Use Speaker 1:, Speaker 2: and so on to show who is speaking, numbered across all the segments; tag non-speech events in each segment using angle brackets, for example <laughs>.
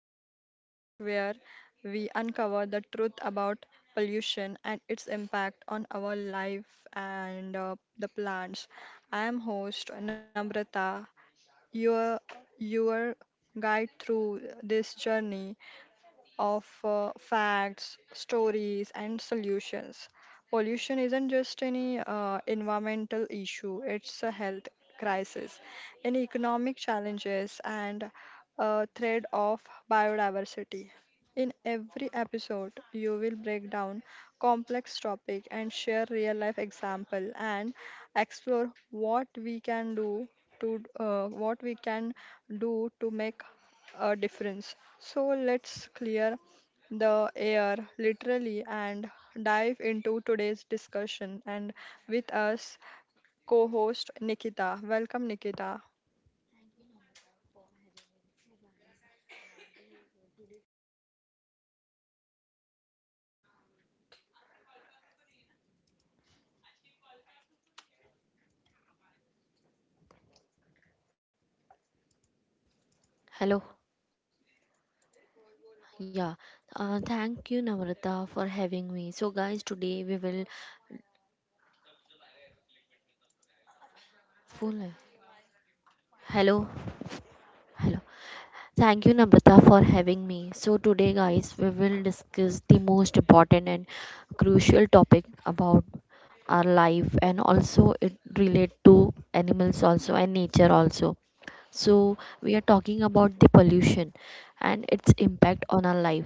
Speaker 1: Husk, the podcast where we uncover the truth about pollution and its impact on our life and the plants. I am host Namrata, your your guide through this journey of facts, stories, and solutions. Pollution isn't just any environmental issue, it's a health crisis, an economic challenges, and a threat of biodiversity. In every episode, you will break down complex topic and share real life example and explore what we can do to make a difference. So let's clear the air, literally, and dive into today's discussion. And with us, co host Nikita. Welcome, Nikita.
Speaker 2: Hello. Yeah. Thank you, Navrata, for having me. So, guys, today we will full. Hello. Hello. Thank you, Namrata, for having me. So, today, guys, we will discuss the most important and crucial topic about our life, and also it relate to animals also and nature also. So we are talking about the pollution and its impact on our life.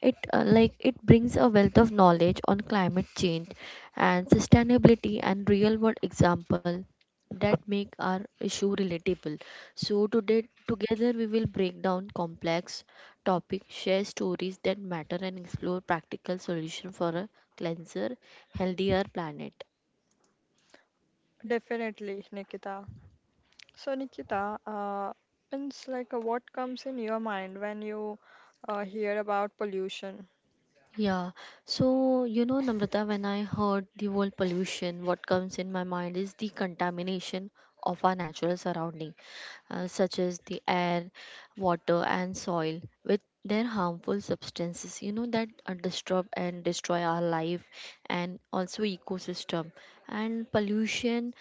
Speaker 2: It like it brings a wealth of knowledge on climate change and sustainability and real world example that make our issue relatable. So today together we will break down complex topic, share stories that matter, and explore practical solution for a cleanser, healthier planet.
Speaker 1: Definitely, Nikita. So, Nikita, means like what comes in your mind when you hear about pollution?
Speaker 2: Yeah, so you know, Namrata, when I heard the word pollution, what comes in my mind is the contamination of our natural surrounding, such as the air, water, and soil, with their harmful substances, you know, that disturb and destroy our life and also ecosystem. And pollution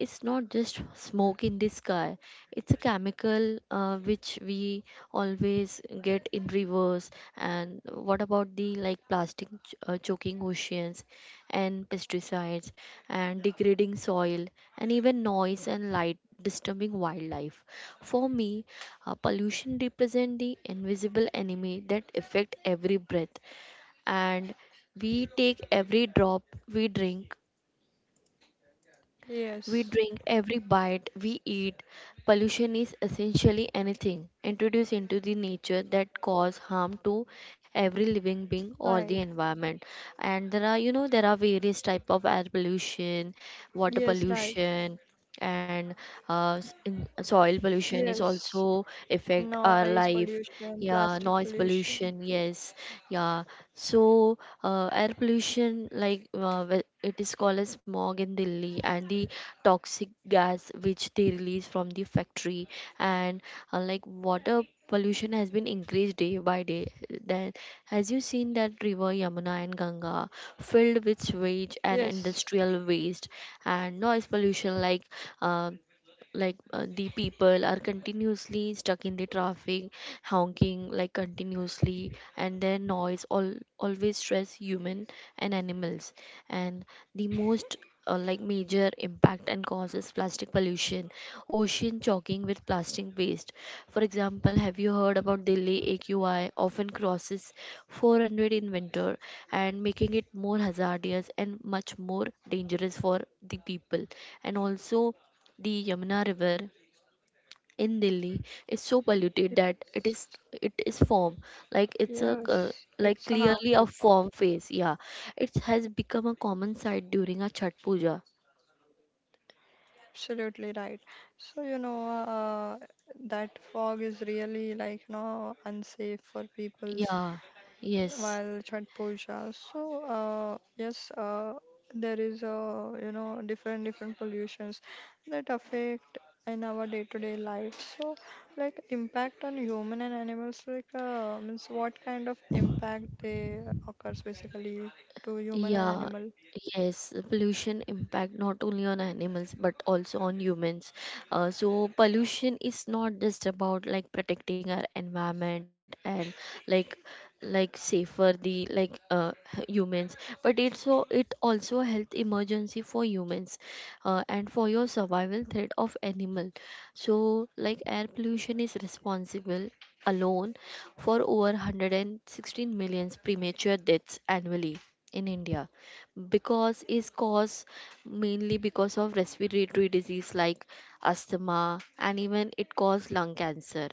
Speaker 2: is not just smoke in the sky; it's a chemical which we always get in rivers. And what about the like plastic choking oceans and pesticides and degrading soil and even noise and light disturbing wildlife? For me, pollution represent the invisible enemy that affect every breath and we take, every drop we drink,
Speaker 1: Yes,
Speaker 2: every bite we eat. Pollution is essentially anything introduced into the nature that cause harm to every living being or the
Speaker 1: right.
Speaker 2: environment. And there are, you know, there are various type of air pollution, water
Speaker 1: Yes, right.
Speaker 2: pollution, and soil pollution is
Speaker 1: Yes,
Speaker 2: also affect our
Speaker 1: noise
Speaker 2: life.
Speaker 1: pollution,
Speaker 2: Yeah,
Speaker 1: plastic
Speaker 2: noise
Speaker 1: pollution.
Speaker 2: pollution. Yes, yeah. So air pollution, like it is called as smog in Delhi, and the toxic gas which they release from the factory. And like water pollution has been increased day by day. Then as you seen that river yamuna and ganga filled with sewage and
Speaker 1: Yes,
Speaker 2: industrial waste. And noise pollution like um the people are continuously stuck in the traffic, honking like continuously, and their noise all always stress human and animals. And the most like major impact and causes plastic pollution, ocean choking with plastic waste. For example, have you heard about delhi aqi often crosses 400 in winter and making it more hazardous and much more dangerous for the people? And also the Yamuna River in Delhi is so polluted that it is form, like it's a
Speaker 1: yes,
Speaker 2: like
Speaker 1: it's
Speaker 2: clearly a
Speaker 1: harmful.
Speaker 2: form face. Yeah, it has become a common sight during a Chhat Puja.
Speaker 1: Absolutely right. So, you know, that fog is really, like, you know, unsafe for people's
Speaker 2: Yeah, yes.
Speaker 1: while Chhat Puja. So, yes, there is a, you know, different pollutions that affect in our day-to-day life. So, like impact on human and animals, like means what kind of impact they occurs basically to human and
Speaker 2: Yeah,
Speaker 1: animal?
Speaker 2: yes, the pollution impact not only on animals but also on humans. So pollution is not just about like protecting our environment and like like safer the like <laughs> humans, but it's so it also health emergency for humans and for your survival threat of animal. So like air pollution is responsible alone for over 116 million premature deaths annually in India because is caused mainly because of respiratory disease like asthma, and even it causes lung cancer.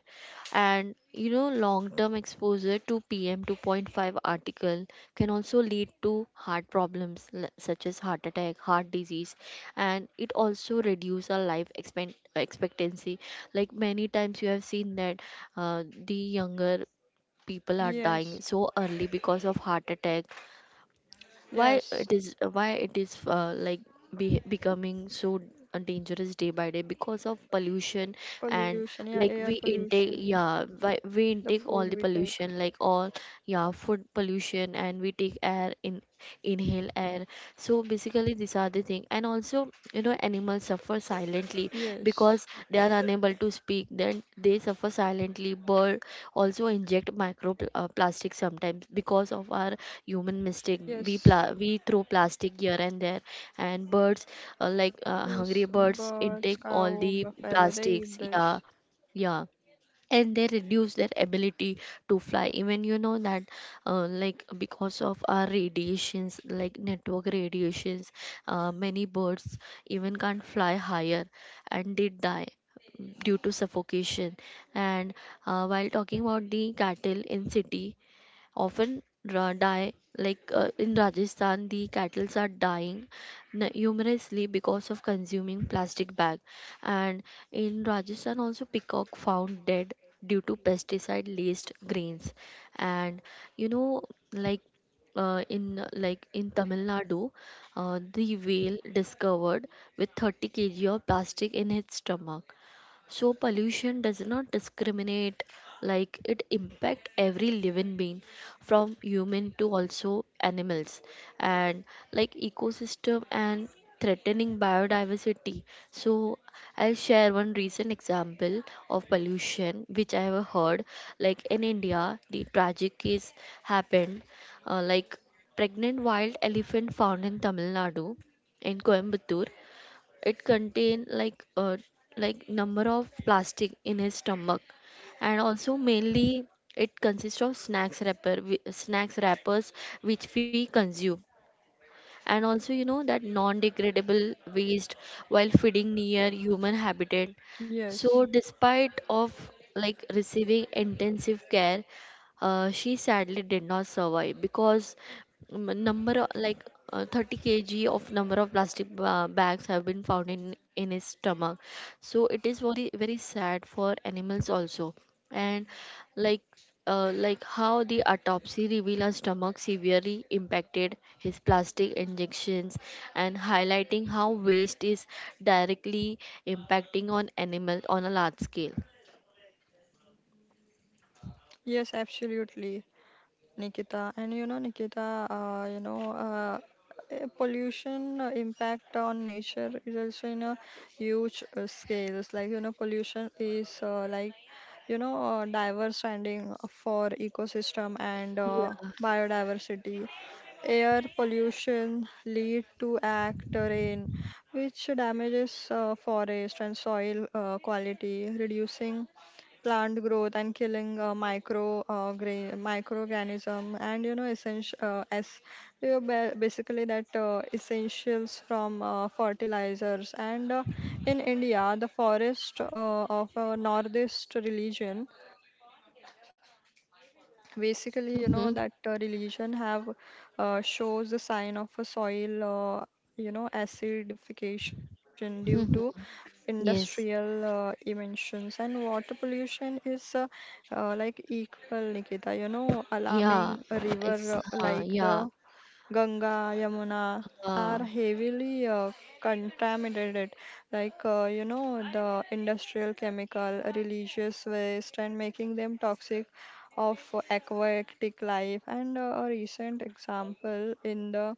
Speaker 2: And you know long term exposure to pm 2.5 article can also lead to heart problems such as heart attack, heart disease. And it also reduce our life expectancy. Like many times you have seen that the younger people are dying
Speaker 1: Yes,
Speaker 2: so early because of heart attack. why
Speaker 1: yes,
Speaker 2: it is why it is like becoming so dangerous day by day because of pollution. And
Speaker 1: pollution, yeah,
Speaker 2: like
Speaker 1: air
Speaker 2: we intake,
Speaker 1: pollution.
Speaker 2: yeah, why we
Speaker 1: The
Speaker 2: intake
Speaker 1: food
Speaker 2: all the
Speaker 1: we take.
Speaker 2: pollution, like all. Yeah, food pollution and we take air in, inhale air. So basically these are the thing. And also you know animals suffer silently
Speaker 1: Yes,
Speaker 2: because they are unable to speak, then they suffer silently. Bird also inject micro plastic sometimes because of our human mistake. we
Speaker 1: yes,
Speaker 2: pla- we throw plastic here and there, and birds, hungry
Speaker 1: yes.
Speaker 2: birds intake
Speaker 1: Birds,
Speaker 2: all
Speaker 1: cow,
Speaker 2: the
Speaker 1: buffalo, they
Speaker 2: plastics.
Speaker 1: eat
Speaker 2: Yeah,
Speaker 1: this.
Speaker 2: yeah. And they reduce their ability to fly. Even you know that like because of our radiations, like network radiations, many birds even can't fly higher and they die due to suffocation. And while talking about the cattle in city, often die, like in Rajasthan the cattle are dying numerously because of consuming plastic bag. And in Rajasthan also peacock found dead due to pesticide laced grains. And you know, like in like in Tamil Nadu, the whale discovered with 30 kg of plastic in its stomach. So pollution does not discriminate, like it impact every living being, from human to also animals and like ecosystem, and threatening biodiversity. So I'll share one recent example of pollution which I have heard, like in India, the tragic case happened. Like pregnant wild elephant found in Tamil Nadu, in Coimbatore. It contained like a like number of plastic in his stomach, and also mainly it consists of snacks wrappers which we consume, and also you know that non-degradable waste while feeding near human habitat.
Speaker 1: Yes,
Speaker 2: So despite of like receiving intensive care, she sadly did not survive because m- number o- like 30 kg of number of plastic bags have been found in his stomach. So it is very very sad for animals also. And like like how the autopsy revealed a stomach severely impacted his plastic injections and highlighting how waste is directly impacting on animals on a large scale.
Speaker 1: yes, absolutely, Nikita. And you know, Nikita, you know, pollution impact on nature is also in a huge scales. Like, you know, pollution is like, you know, diverse standing for ecosystem and
Speaker 2: Yeah.
Speaker 1: biodiversity. Air pollution lead to act rain, which damages forest and soil quality, reducing plant growth and killing micro microorganism, and you know essential, as you know, basically that essentials from fertilizers. And in India, the forest of our northeast region, basically you
Speaker 2: Hmm.
Speaker 1: know that religion have shows the sign of a soil uh, you know acidification due to
Speaker 2: Hmm.
Speaker 1: industrial
Speaker 2: Yes.
Speaker 1: emissions. And water pollution is like equal, Nikita, you know, alarming
Speaker 2: Yeah,
Speaker 1: a
Speaker 2: it's
Speaker 1: river like the
Speaker 2: yeah.
Speaker 1: Ganga, Yamuna
Speaker 2: Yeah.
Speaker 1: are heavily contaminated, like you know the industrial chemical, religious waste, and making them toxic of aquatic life. And a recent example in the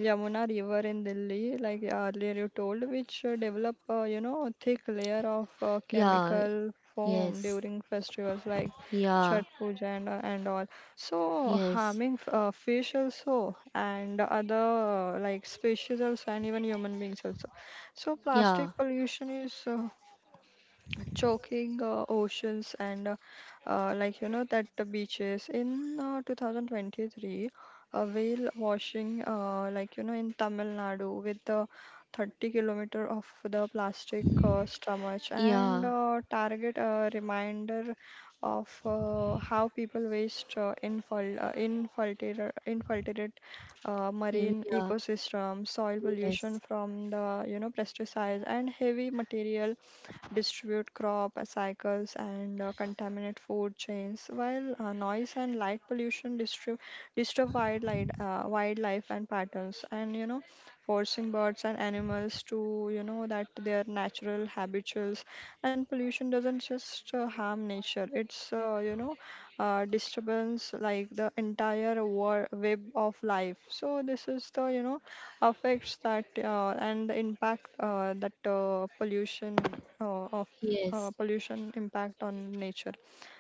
Speaker 1: Yamuna River in Delhi, like earlier you told, which develop you know thick layer of
Speaker 2: Yeah.
Speaker 1: chemical foam
Speaker 2: Yes.
Speaker 1: during festivals like
Speaker 2: Yeah.
Speaker 1: Chhat Puja and all. So
Speaker 2: Yes.
Speaker 1: harming fish also and other like species also and even human beings also. So
Speaker 2: Yeah.
Speaker 1: plastic pollution is choking oceans, and like you know that the beaches in 2023, a whale washing like you know in Tamil Nadu with the 30 kilometer of the plastic stomach,
Speaker 2: Yeah.
Speaker 1: and target a reminder of how people waste infiltrate marine
Speaker 2: Yeah.
Speaker 1: ecosystem. Soil
Speaker 2: Yes.
Speaker 1: pollution from the you know pesticides and heavy material distribute crop cycles and contaminate food chains, while noise and light pollution disturb wildlife, wildlife and patterns, and you know, forcing birds and animals to you know that their natural habituals. And pollution doesn't just harm nature; it's you know disturbance like the entire web of life. So this is the you know affects that and the impact that
Speaker 2: Yes.
Speaker 1: pollution impact on nature.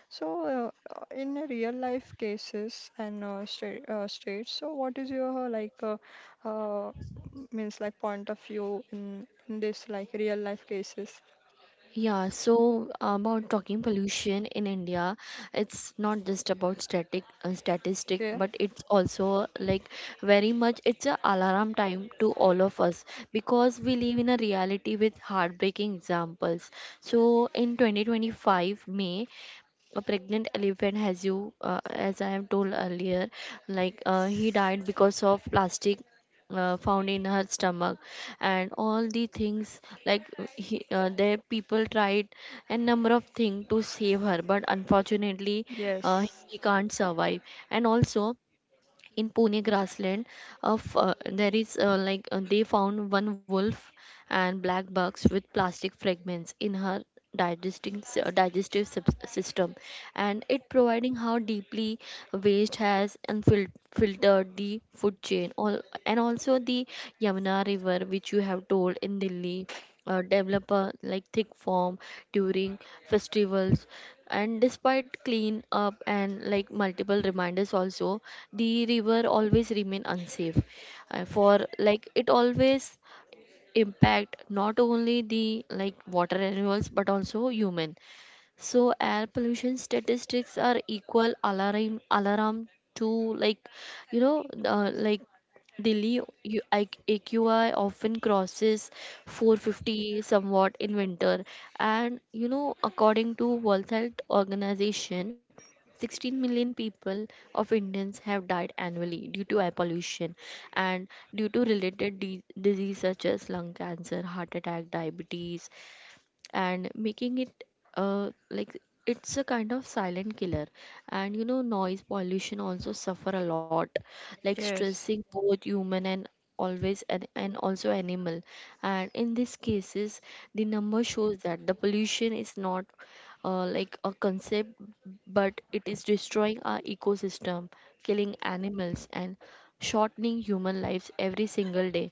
Speaker 1: So in a real life cases and states, so what is your like uh, means like point of view in this like real life cases?
Speaker 2: Yeah, so about talking pollution in India, it's not just about static statistic,
Speaker 1: Okay.
Speaker 2: but it's also like very much it's a alarm time to all of us because we live in a reality with heartbreaking examples. So in 2025 May, a pregnant elephant, as you as I have told earlier, like he died
Speaker 1: Yes.
Speaker 2: because of plastic found in her stomach. And all the things, like the people tried a number of things to save her, but unfortunately
Speaker 1: Yes.
Speaker 2: he can't survive. And also in Pune grassland of there is like they found one wolf and black bucks with plastic fragments in her digestive system. And it providing how deeply waste has filtered the food chain all. And also the Yamuna river which you have told in Delhi develop a like thick form during festivals. And despite clean up and like multiple reminders also, the river always remain unsafe. For like it always impact not only the like water animals but also human. So air pollution statistics are equal alarm to like you know like Delhi AQI often crosses 450 somewhat in winter. And you know according to World Health Organization, 16 million people of Indians have died annually due to air pollution, and due to related disease such as lung cancer, heart attack, diabetes, and making it like it's a kind of silent killer. And you know noise pollution also suffer a lot, like
Speaker 1: Yes.
Speaker 2: stressing both human and always, and also animal. And in these cases the number shows that the pollution is not like a concept, but it is destroying our ecosystem, killing animals, and shortening human lives every single day.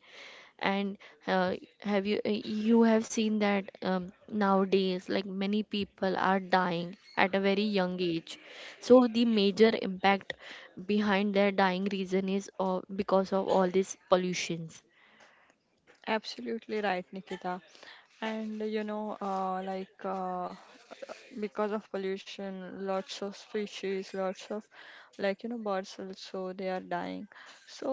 Speaker 2: And have you have seen that nowadays like many people are dying at a very young age. So the major impact behind their dying reason is because of all these pollutions.
Speaker 1: Absolutely right, Nikita. And you know, like because of pollution lots of species lots of like you know birds also they are dying. So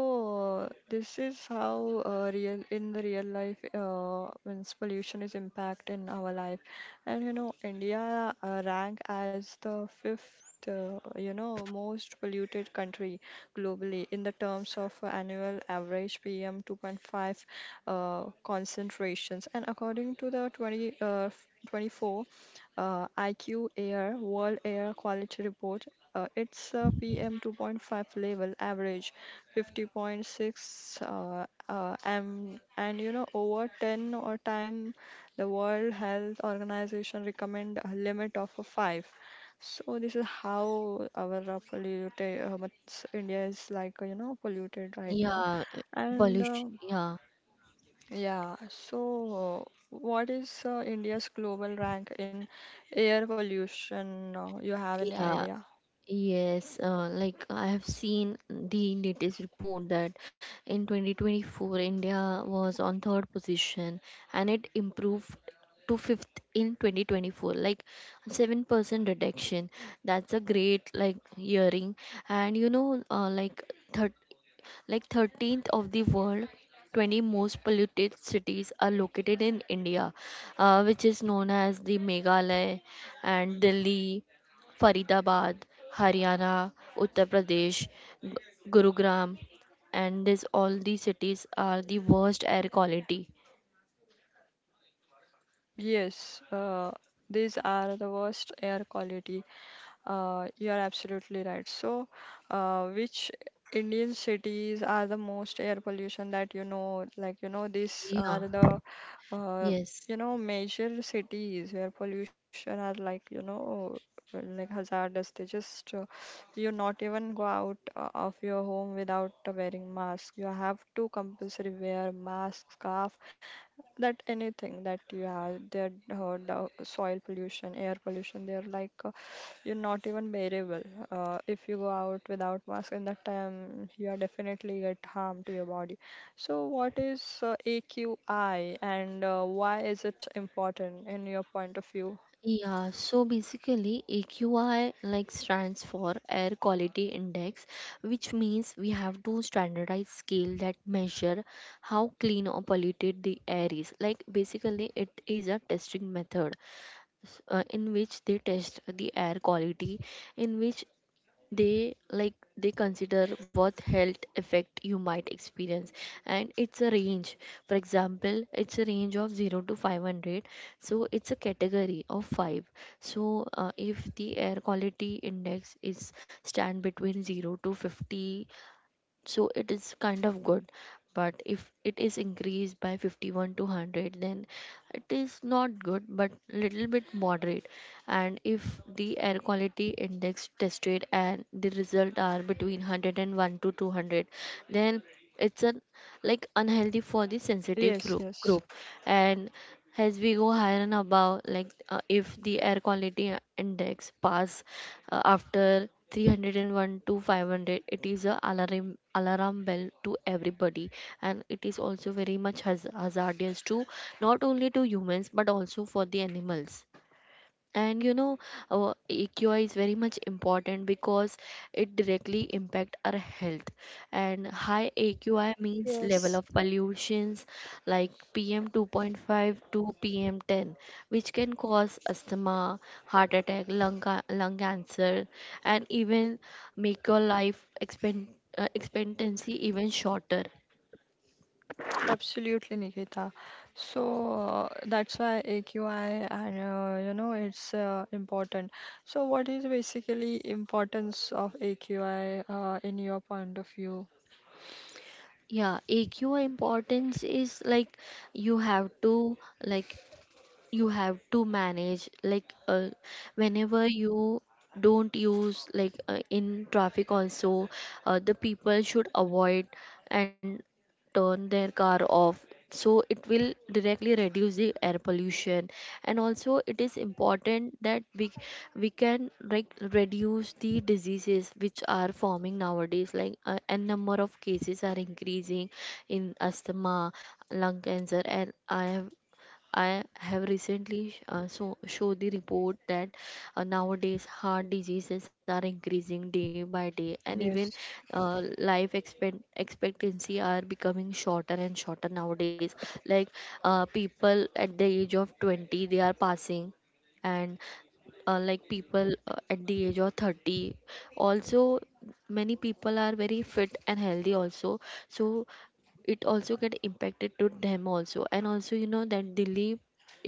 Speaker 1: this is how real in the real life means pollution is impact in our life. And you know India rank as the fifth you know most polluted country globally in the terms of annual average PM 2.5 concentrations. And according to the 20, 24 IQ Air World Air Quality Report, its PM 2.5 level average 50.6 m, and you know over 10 or time the World Health Organization recommend a limit of a 5. So this is how our polluted India is like you know polluted right now,
Speaker 2: Yeah,
Speaker 1: and.
Speaker 2: pollution. Yeah,
Speaker 1: Yeah, so what is India's global rank in air pollution? You have any
Speaker 2: yeah.
Speaker 1: idea?
Speaker 2: Yes, like I have seen the latest report that in 2024 India was on third position and it improved to fifth in 2024, like 7% reduction. That's a great like yearing. And you know like 13th of the world, 20 most polluted cities are located in India, which is known as the Meghalaya and Delhi, Faridabad, Haryana, Uttar Pradesh, Gu- Gurugram, and this all these cities are the worst air quality.
Speaker 1: Yes, these are the worst air quality. You are absolutely right. So, which Indian cities are the most air pollution that you know? Like, you know, these are
Speaker 2: Yeah.
Speaker 1: the, uh,
Speaker 2: Yes.
Speaker 1: you know, major cities where pollution are, like, you know, like hazardous. They just, you not even go out of your home without wearing mask. You have to compulsory wear mask, scarf, that anything that you have that heard soil pollution air pollution they're like you're not even bearable. If you go out without mask in that time you are definitely get harm to your body. So what is AQI and why is it important in your point of view?
Speaker 2: Yeah, so basically AQI like stands for Air Quality Index, which means we have to standardize scale that measure how clean or polluted the air is. Like, basically it is a testing method in which they test the air quality, in which they consider what health effect you might experience. And it's a range, for example it's a range of 0 to 500, so it's a category of 5. So if the air quality index is stand between 0 to 50, so it is kind of good. But if it is increased by 51 to 100, then it is not good but little bit moderate. And if the air quality index tested and the result are between 101 to 200, then it's an, like, unhealthy for the sensitive
Speaker 1: Yes.
Speaker 2: group
Speaker 1: Yes.
Speaker 2: group And as we go higher and above, like if the air quality index pass after 301 to 500, it is a alarm bell to everybody, and it is also very much hazardous to, not only to humans but also for the animals. And you know our EQI is very much important because it directly impact our health. And high AQI means level
Speaker 1: Yes.
Speaker 2: of pollutions like PM 2.5 to PM 10, which can cause asthma, heart attack, lung cancer, and even make your life expectancy even shorter.
Speaker 1: Absolutely, Nikita. So that's why AQI, and you know it's important. So what is basically importance of AQI in your point of view?
Speaker 2: Yeah, AQI importance is like, you have to, like, you have to manage, like whenever you don't use, like in traffic also, the people should avoid and turn their car off, so it will directly reduce the air pollution. And also it is important that we can, like, reduce the diseases which are forming nowadays, like n number of cases are increasing in asthma, lung cancer. And I have recently so show the report that nowadays heart diseases are increasing day by day, and even
Speaker 1: Yes.
Speaker 2: life expectancy are becoming shorter and shorter nowadays. Like people at the age of 20, they are passing, and like people at the age of 30 also, many people are very fit and healthy also. So it also get impacted to them also. And also you know that Delhi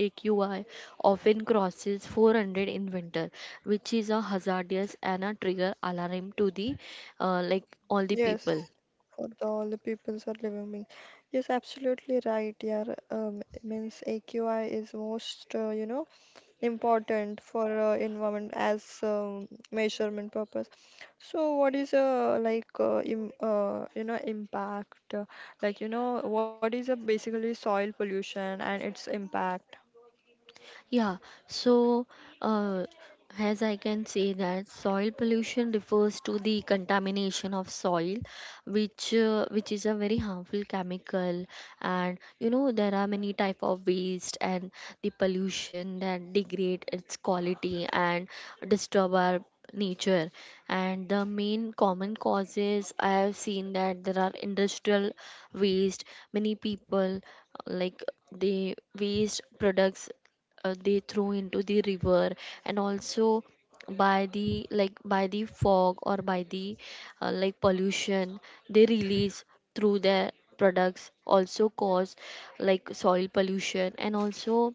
Speaker 2: AQI often crosses 400 in winter, which is a hazardous and a trigger alarm to the like all the
Speaker 1: Yes,
Speaker 2: people.
Speaker 1: for the, all the peoples are living being. Yes, absolutely right. Yeah, means AQI is most, you know, important for environment as measurement purpose. So what is like im you know impact, like you know, what is basically soil pollution and its impact?
Speaker 2: Yeah, so uh, as I can say that soil pollution refers to the contamination of soil, which is a very harmful chemical, and you know there are many type of waste and the pollution that degrade its quality and disturb our nature. And the main common causes I have seen that there are industrial waste. Many people like, they waste products they throw into the river. And also, by the, like, by the fog or by the like pollution they release through their products, also cause like soil pollution. And also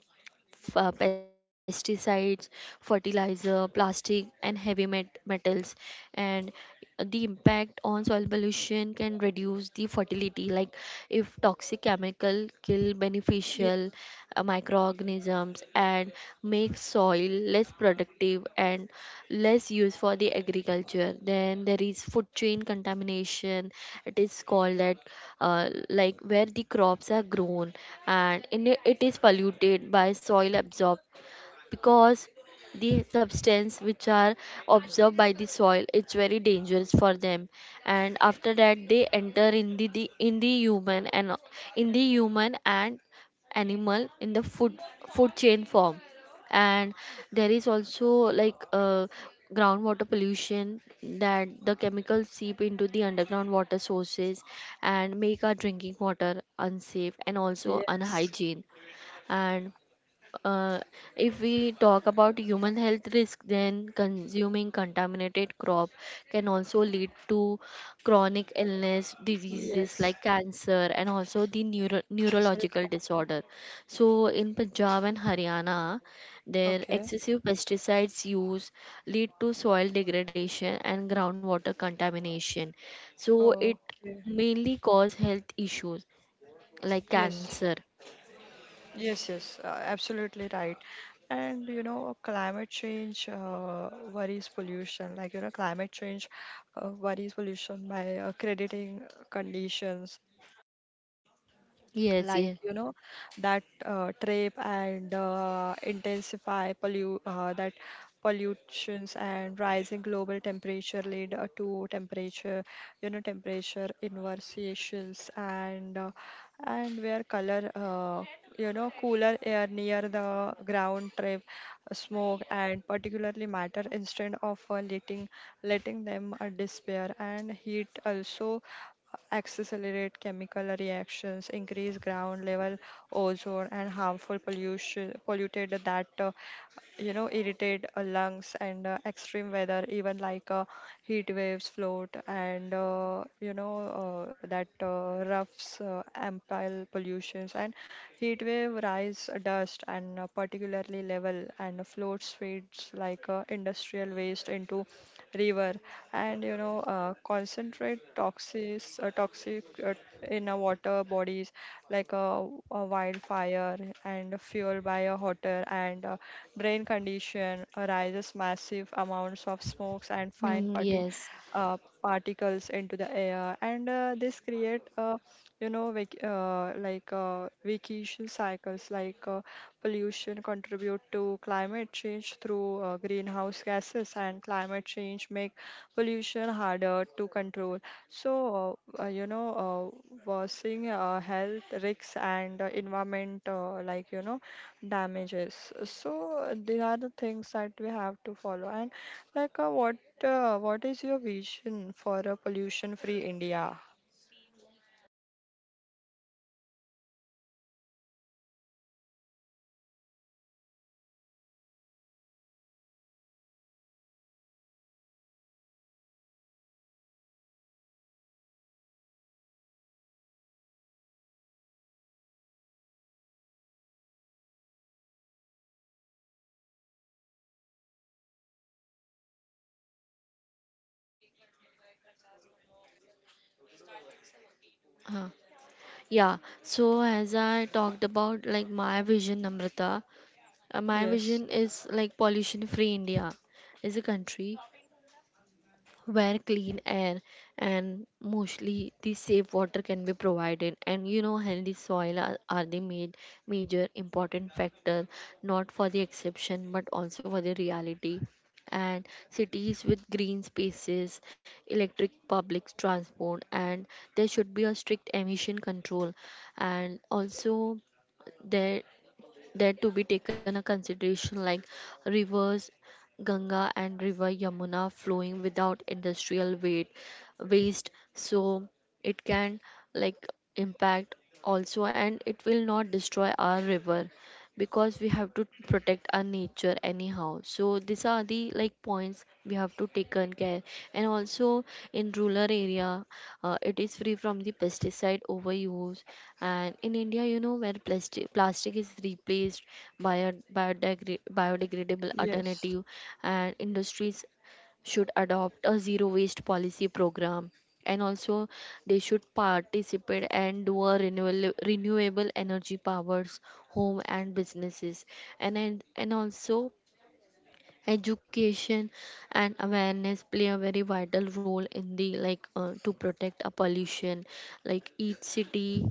Speaker 2: pesticides, fertilizer, plastic, and heavy metals. And the impact on soil pollution can reduce the fertility. Like, if toxic chemical kill beneficial microorganisms and make soil less productive and less used for the agriculture. Then there is food chain contamination, it is called that like, where the crops are grown and in it, it is polluted by soil absorption, because the substance which are absorbed by the soil it's very dangerous for them. And after that they enter in the in the human and in the human and animal in the food chain form. And there is also, like groundwater pollution that the chemicals seep into the underground water sources and make our drinking water unsafe and also
Speaker 1: Yes,
Speaker 2: unhygiene. And uh, if we talk about human health risk, then consuming contaminated crop can also lead to chronic illness,
Speaker 1: yes,
Speaker 2: diseases like
Speaker 1: yes.
Speaker 2: cancer, and also the
Speaker 1: The cancer is
Speaker 2: neurological
Speaker 1: common.
Speaker 2: disorder. So, in Punjab and Haryana, their
Speaker 1: Okay.
Speaker 2: excessive pesticides use lead to soil degradation and groundwater contamination. So, it
Speaker 1: Oh, okay.
Speaker 2: mainly cause health issues like
Speaker 1: Yes.
Speaker 2: cancer.
Speaker 1: Yes, yes, absolutely right. And you know, climate change worries pollution. Like you know, climate change worries pollution by crediting conditions
Speaker 2: Yes,
Speaker 1: like
Speaker 2: yes.
Speaker 1: you know that trap and intensify pollute that pollutions, and rising global temperature lead to temperature, you know, temperature inversions, and where color you know cooler air near the ground trap smoke and particularly matter instead of letting them disappear. And heat also accelerate chemical reactions, increase ground level ozone and harmful pollution polluted that you know irritate lungs. And extreme weather even like heat waves float, and that roughs ample pollutions, and heat wave rise dust and particularly level, and floats feeds like industrial waste into river. And you know concentrate toxic in a water bodies. Like a wildfire and fueled by a hotter and drain condition arises massive amounts of smokes and fine
Speaker 2: Mm, yes.
Speaker 1: particles into the air. And this create you know like vacation cycles. Like pollution contribute to climate change through greenhouse gases, and climate change make pollution harder to control. So, you know, worsening health risks and environment, like, you know, damages. So, there are the things that we have to follow. And, like, what is your vision for a pollution-free India?
Speaker 2: Huh. Yeah, so as I talked about, like my vision, Amrita, my
Speaker 1: Yes,
Speaker 2: vision is like pollution free India is a country where clean air and mostly the safe water can be provided, and you know healthy soil are the made major important factor, not for the exception but also for the reality. And cities with green spaces, electric public transport, and there should be a strict emission control. And also there, that to be taken a consideration, like rivers Ganga and river Yamuna flowing without industrial weight waste, so it can, like, impact also, and it will not destroy our river, because we have to protect our nature anyhow. So these are the, like, points we have to take on care. And also in rural area it is free from the pesticide overuse. And in India, you know, where plastic is replaced by a biodegradable
Speaker 1: yes,
Speaker 2: alternative, and industries should adopt a zero waste policy program. And also, they should participate and do a renewable energy powers home and businesses. And also education and awareness play a very vital role in the, like, to protect a pollution, like each city,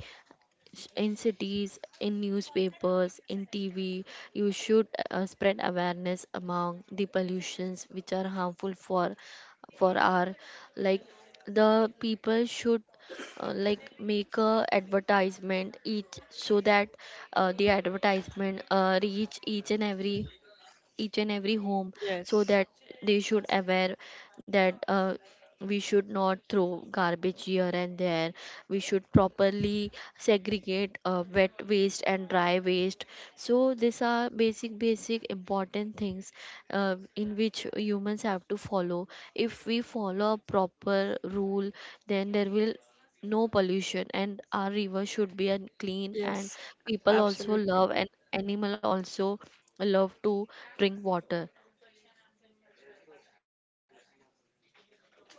Speaker 2: in cities, in newspapers, in TV, you should spread awareness among the pollutions which are harmful for our, like, the people should like make a advertisement each, so that the advertisement reach each and every home, so
Speaker 1: yes,
Speaker 2: that they should aware that we should not throw garbage here and there. We should properly segregate wet waste and dry waste. So these are basic important things in which humans have to follow. If we follow a proper rule, then there will no pollution and our river should be clean, and
Speaker 1: yes,
Speaker 2: people also
Speaker 1: absolutely.
Speaker 2: love and animal also love to drink water.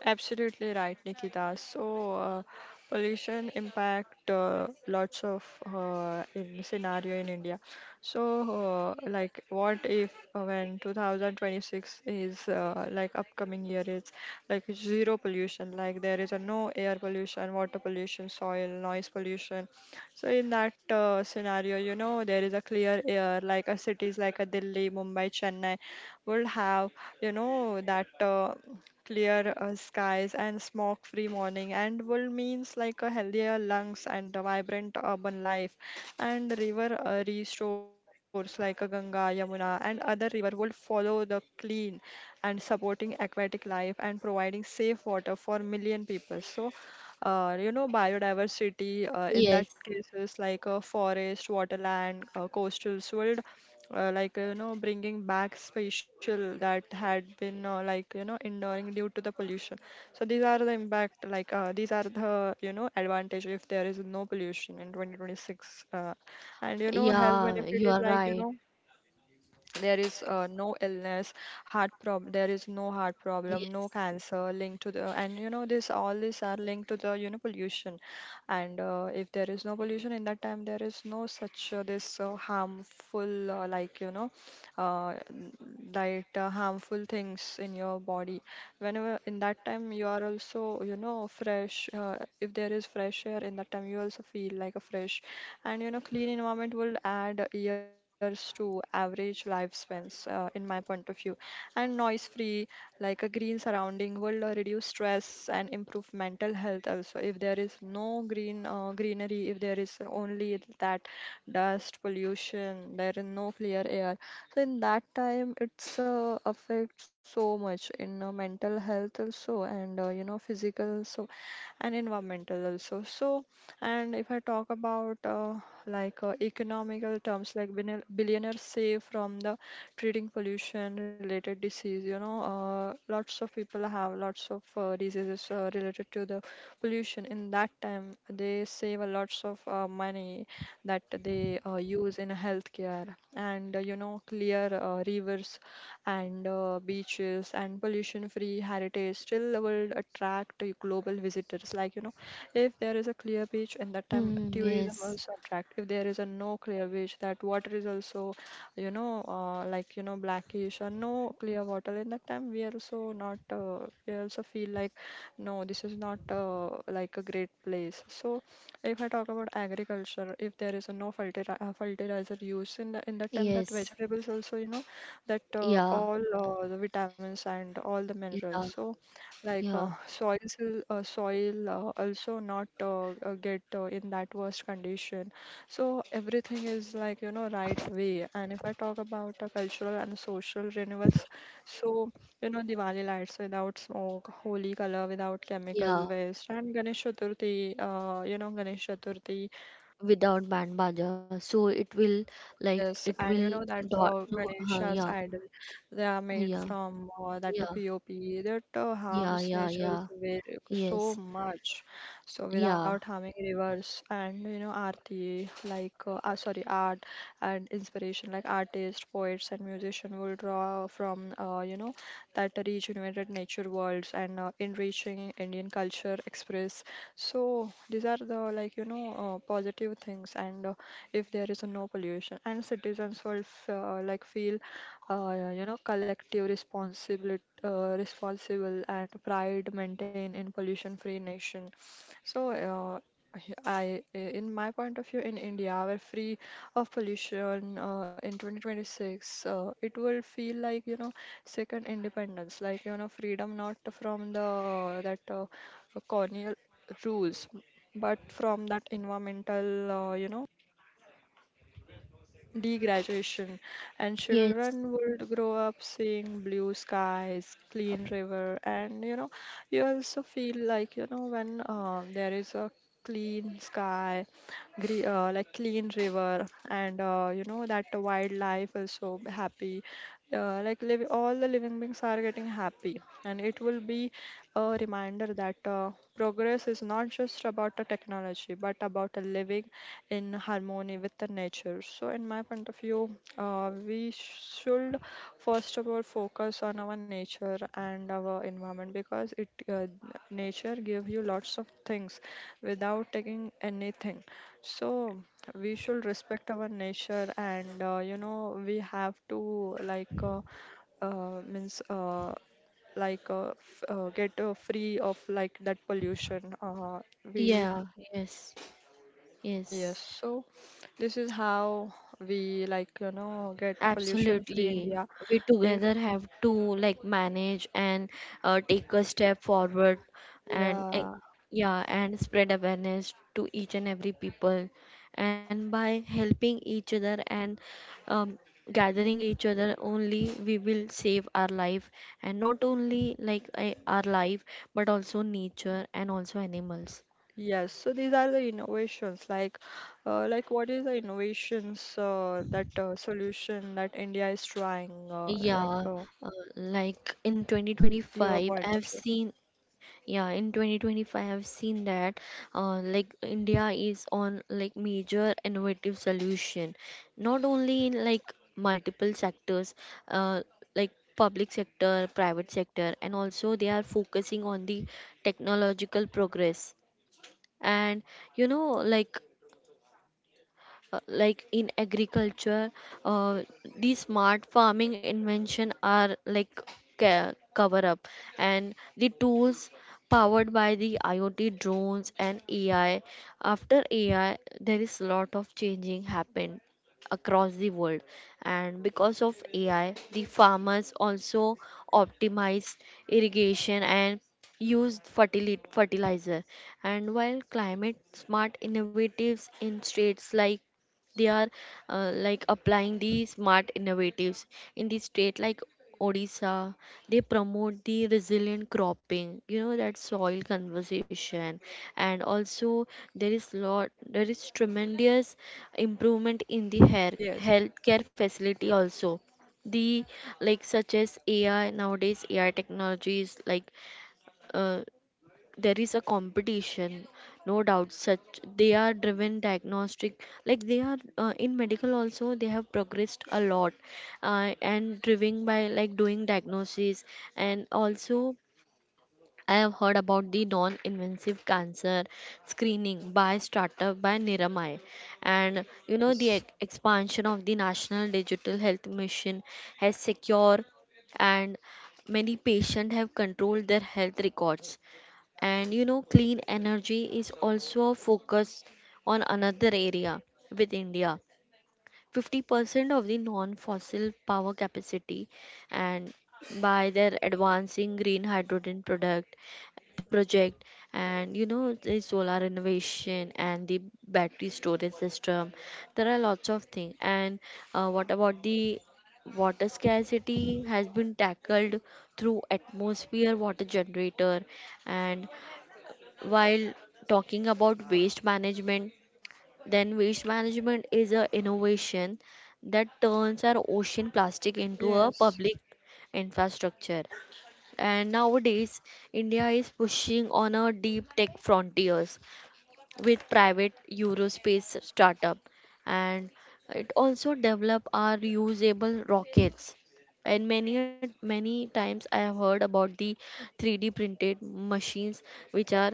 Speaker 1: Absolutely right, Nikita. So, pollution impact lots of in scenario in India. So, like, what if when 2026 is like upcoming year, it's like zero pollution. Like there is a no air pollution, water pollution, soil, noise pollution. So in that scenario, you know, there is a clear air, like a cities like a Delhi, Mumbai, Chennai would have, you know, that clear skies and smog-free morning, and will means like a healthier lungs and a vibrant urban life. And river restores like a Ganga, Yamuna, and other river would follow the clean and supporting aquatic life and providing safe water for million people. So, you know, biodiversity in that
Speaker 2: Yes.
Speaker 1: case is like a forest, waterland, coastal world you know, bringing back spatial that had been like you know enduring due to the pollution. So these are the impact, like these are the you know advantage if there is no pollution in 2026. And you know health
Speaker 2: Yeah,
Speaker 1: benefit
Speaker 2: you
Speaker 1: is
Speaker 2: are
Speaker 1: like you
Speaker 2: right.
Speaker 1: know there is no illness, heart problem. There is no heart problem, no
Speaker 2: Yes.
Speaker 1: cancer linked to the and you know this, all these are linked to the you know pollution. And if there is no pollution, in that time there is no such this harmful uh, harmful things in your body. Whenever in that time you are also you know fresh. If there is fresh air, in that time you also feel like a fresh. And you know clean environment will add years to average lifespans, in my point of view. And noise free, like a green surrounding will reduce stress and improve mental health also. If there is no greenery, if there is only that dust pollution, there is no clear air. So in that time, it's affect so much in mental health also, and you know physical, so, and environmental also. So, and if I talk about economical terms, like billionaires save from the treating pollution related disease, you know, lots of people have lots of diseases related to the pollution. In that time they save a lots of money that they use in healthcare. And you know clear rivers and beaches and pollution free heritage still will attract global visitors, like you know, if there is a clear beach, in that time
Speaker 2: Hmm,
Speaker 1: tourism
Speaker 2: yes.
Speaker 1: also attract. If there is a no clear beach, that water is also you know, like you know, blackish or no clear water. In that time, we also not, we also feel like no, this is not like a great place. So if I talk about agriculture, if there is a no fertilizer, fertilizer use in that time, that
Speaker 2: Yes.
Speaker 1: vegetables also you know that
Speaker 2: Yeah,
Speaker 1: all the vitamins and all the minerals.
Speaker 2: yeah,
Speaker 1: So like
Speaker 2: yeah.
Speaker 1: soil also not get in that worst condition. So everything is like, you know, right way. And if I talk about the cultural and social renewals, so, you know, Diwali lights without smoke, Holi color without chemical
Speaker 2: Yeah,
Speaker 1: waste, and Ganesh Chaturthi, you know, Ganesh Chaturthi.
Speaker 2: without band baja, so it will like it
Speaker 1: Yes, and
Speaker 2: will
Speaker 1: you know that
Speaker 2: dot no,
Speaker 1: Ganesha's
Speaker 2: yeah.
Speaker 1: idol, they are made
Speaker 2: Yeah,
Speaker 1: from that
Speaker 2: yeah,
Speaker 1: POP, that
Speaker 2: yeah.
Speaker 1: harms
Speaker 2: Yeah, yeah.
Speaker 1: nature's way
Speaker 2: Yes.
Speaker 1: so much. So without
Speaker 2: Yeah.
Speaker 1: harming rivers and you know art and inspiration, like artists, poets and musicians will draw from you know that regenerated nature worlds and enriching Indian culture express. So these are the like you know positive things. And if there is a no pollution, and citizens will like feel you know collective responsibility, responsible and pride maintain in pollution free nation. So I, in my point of view, in India, we're free of pollution in 2026. It will feel like, you know, second independence, like, you know, freedom not from the that colonial rules, but from that environmental, you know, degradation, and
Speaker 2: Yes.
Speaker 1: children would grow up seeing blue skies, clean river, and you know, you also feel like you know when there is a clean sky, gre like clean river, and you know that the wildlife is so happy. Like live, all the living beings are getting happy, and it will be a reminder that progress is not just about the technology, but about the living in harmony with the nature. So, in my point of view, we should first of all focus on our nature and our environment, because it nature give you lots of things without taking anything. So, we should respect our nature and you know we have to like means like f- get free of like that pollution. We
Speaker 2: Yeah. Yes.
Speaker 1: yes,
Speaker 2: Yes,
Speaker 1: so this is how we like, you know, get pollution free
Speaker 2: absolutely.
Speaker 1: India.
Speaker 2: We
Speaker 1: If
Speaker 2: together have to, like, manage and take a step forward and
Speaker 1: yeah,
Speaker 2: yeah, and spread awareness to each and every people. And by helping each other and um, gathering each other, only we will save our life. And not only like our life, but also nature and also animals.
Speaker 1: yes. So these are the innovations, like what is the innovations that solution that India is trying
Speaker 2: Yeah, uh, like in
Speaker 1: your point of
Speaker 2: 2025,
Speaker 1: view.
Speaker 2: I've seen. Yeah, in 2025, I've seen that like India is on like major innovative solution, not only in like multiple sectors, uh, like public sector, private sector, and also they are focusing on the technological progress. And you know, like in agriculture uh, these smart farming invention are like cover up, and the tools powered by the IoT drones and AI. After ai there is a lot of changing happened across the world. And because of AI the farmers also optimize irrigation and used fertilizer. And while climate smart innovatives in states like they are, like, applying the smart innovatives in the state like Odisha, they promote the resilient cropping, you know, that soil conservation. And also there is lot there is tremendous improvement in the hair
Speaker 1: Yes.
Speaker 2: healthcare facility also. The, like, such as AI, nowadays AI technologies like, uh, there is a competition, no doubt, such they are driven diagnostic, like they are, in medical also they have progressed a lot, and driven by like doing diagnosis. And also I have heard about the non-invasive cancer screening by startup by Niramai, and you know the
Speaker 1: Yes.
Speaker 2: expansion of the National Digital Health Mission has secure, and many patients have controlled their health records. And you know, clean energy is also focused on another area with India. 50% of the non fossil power capacity, and by their advancing green hydrogen product project. And you know the solar renovation and the battery storage system, there are lots of things. And what about the water scarcity has been tackled through atmosphere water generator. And while talking about waste management, then waste management is a innovation that turns our ocean plastic into a
Speaker 1: Yes.
Speaker 2: public infrastructure. And nowadays, India is pushing on a deep tech frontiers with private Eurospace startup, and it also develop our reusable rockets. And many times I have heard about the 3D printed machines which are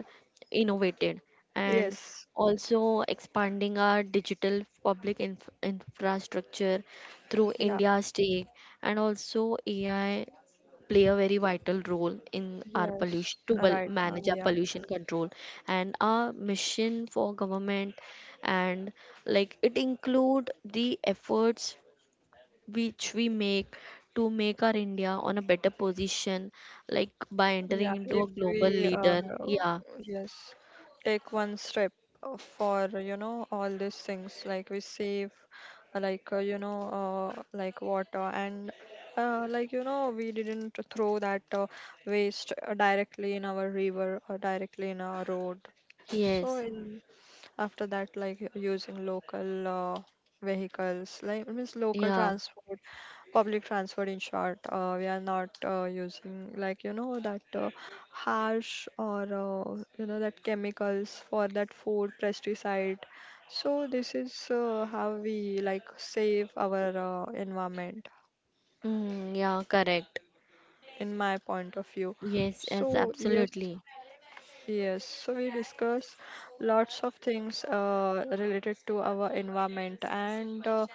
Speaker 2: innovated. And
Speaker 1: Yes.
Speaker 2: also expanding our digital public infrastructure through
Speaker 1: Yeah.
Speaker 2: India's take, and also AI play a very vital role in our
Speaker 1: Yes.
Speaker 2: pollution to well
Speaker 1: Right.
Speaker 2: manage our
Speaker 1: Yeah.
Speaker 2: pollution control, and our mission for government. And like it include the efforts which we make to make our india on a better position, like by
Speaker 1: Yeah,
Speaker 2: entering into
Speaker 1: if
Speaker 2: a global
Speaker 1: we
Speaker 2: leader. Yeah.
Speaker 1: yes, take one step for you know all these things, like we save, you know like water and like you know we didn't throw that waste directly in our river or directly in our road. So
Speaker 2: Yes.
Speaker 1: in after that, like using local vehicles, like means local
Speaker 2: Yeah.
Speaker 1: transport, public transport in short, we are not using like you know that harsh or you know that chemicals for that food pesticide. So this is how we like save our environment,
Speaker 2: Mm, yeah, correct.
Speaker 1: in my point of view.
Speaker 2: Yes, yes,
Speaker 1: So yes.
Speaker 2: absolutely.
Speaker 1: Yes, so we discuss lots of things related to our environment, and uh,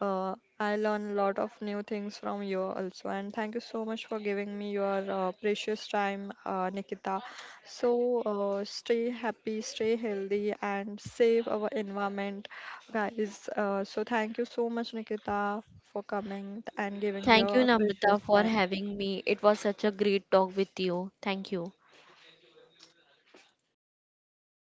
Speaker 1: uh, I learn a lot of new things from you also. And thank you so much for giving me your precious time, Nikita. So stay happy, stay healthy, and save our environment, guys. So thank you so much, Nikita, for coming and giving
Speaker 2: Thank you,
Speaker 1: your
Speaker 2: namrata,
Speaker 1: precious
Speaker 2: for
Speaker 1: time.
Speaker 2: having me. It was such a great talk with you. Thank you.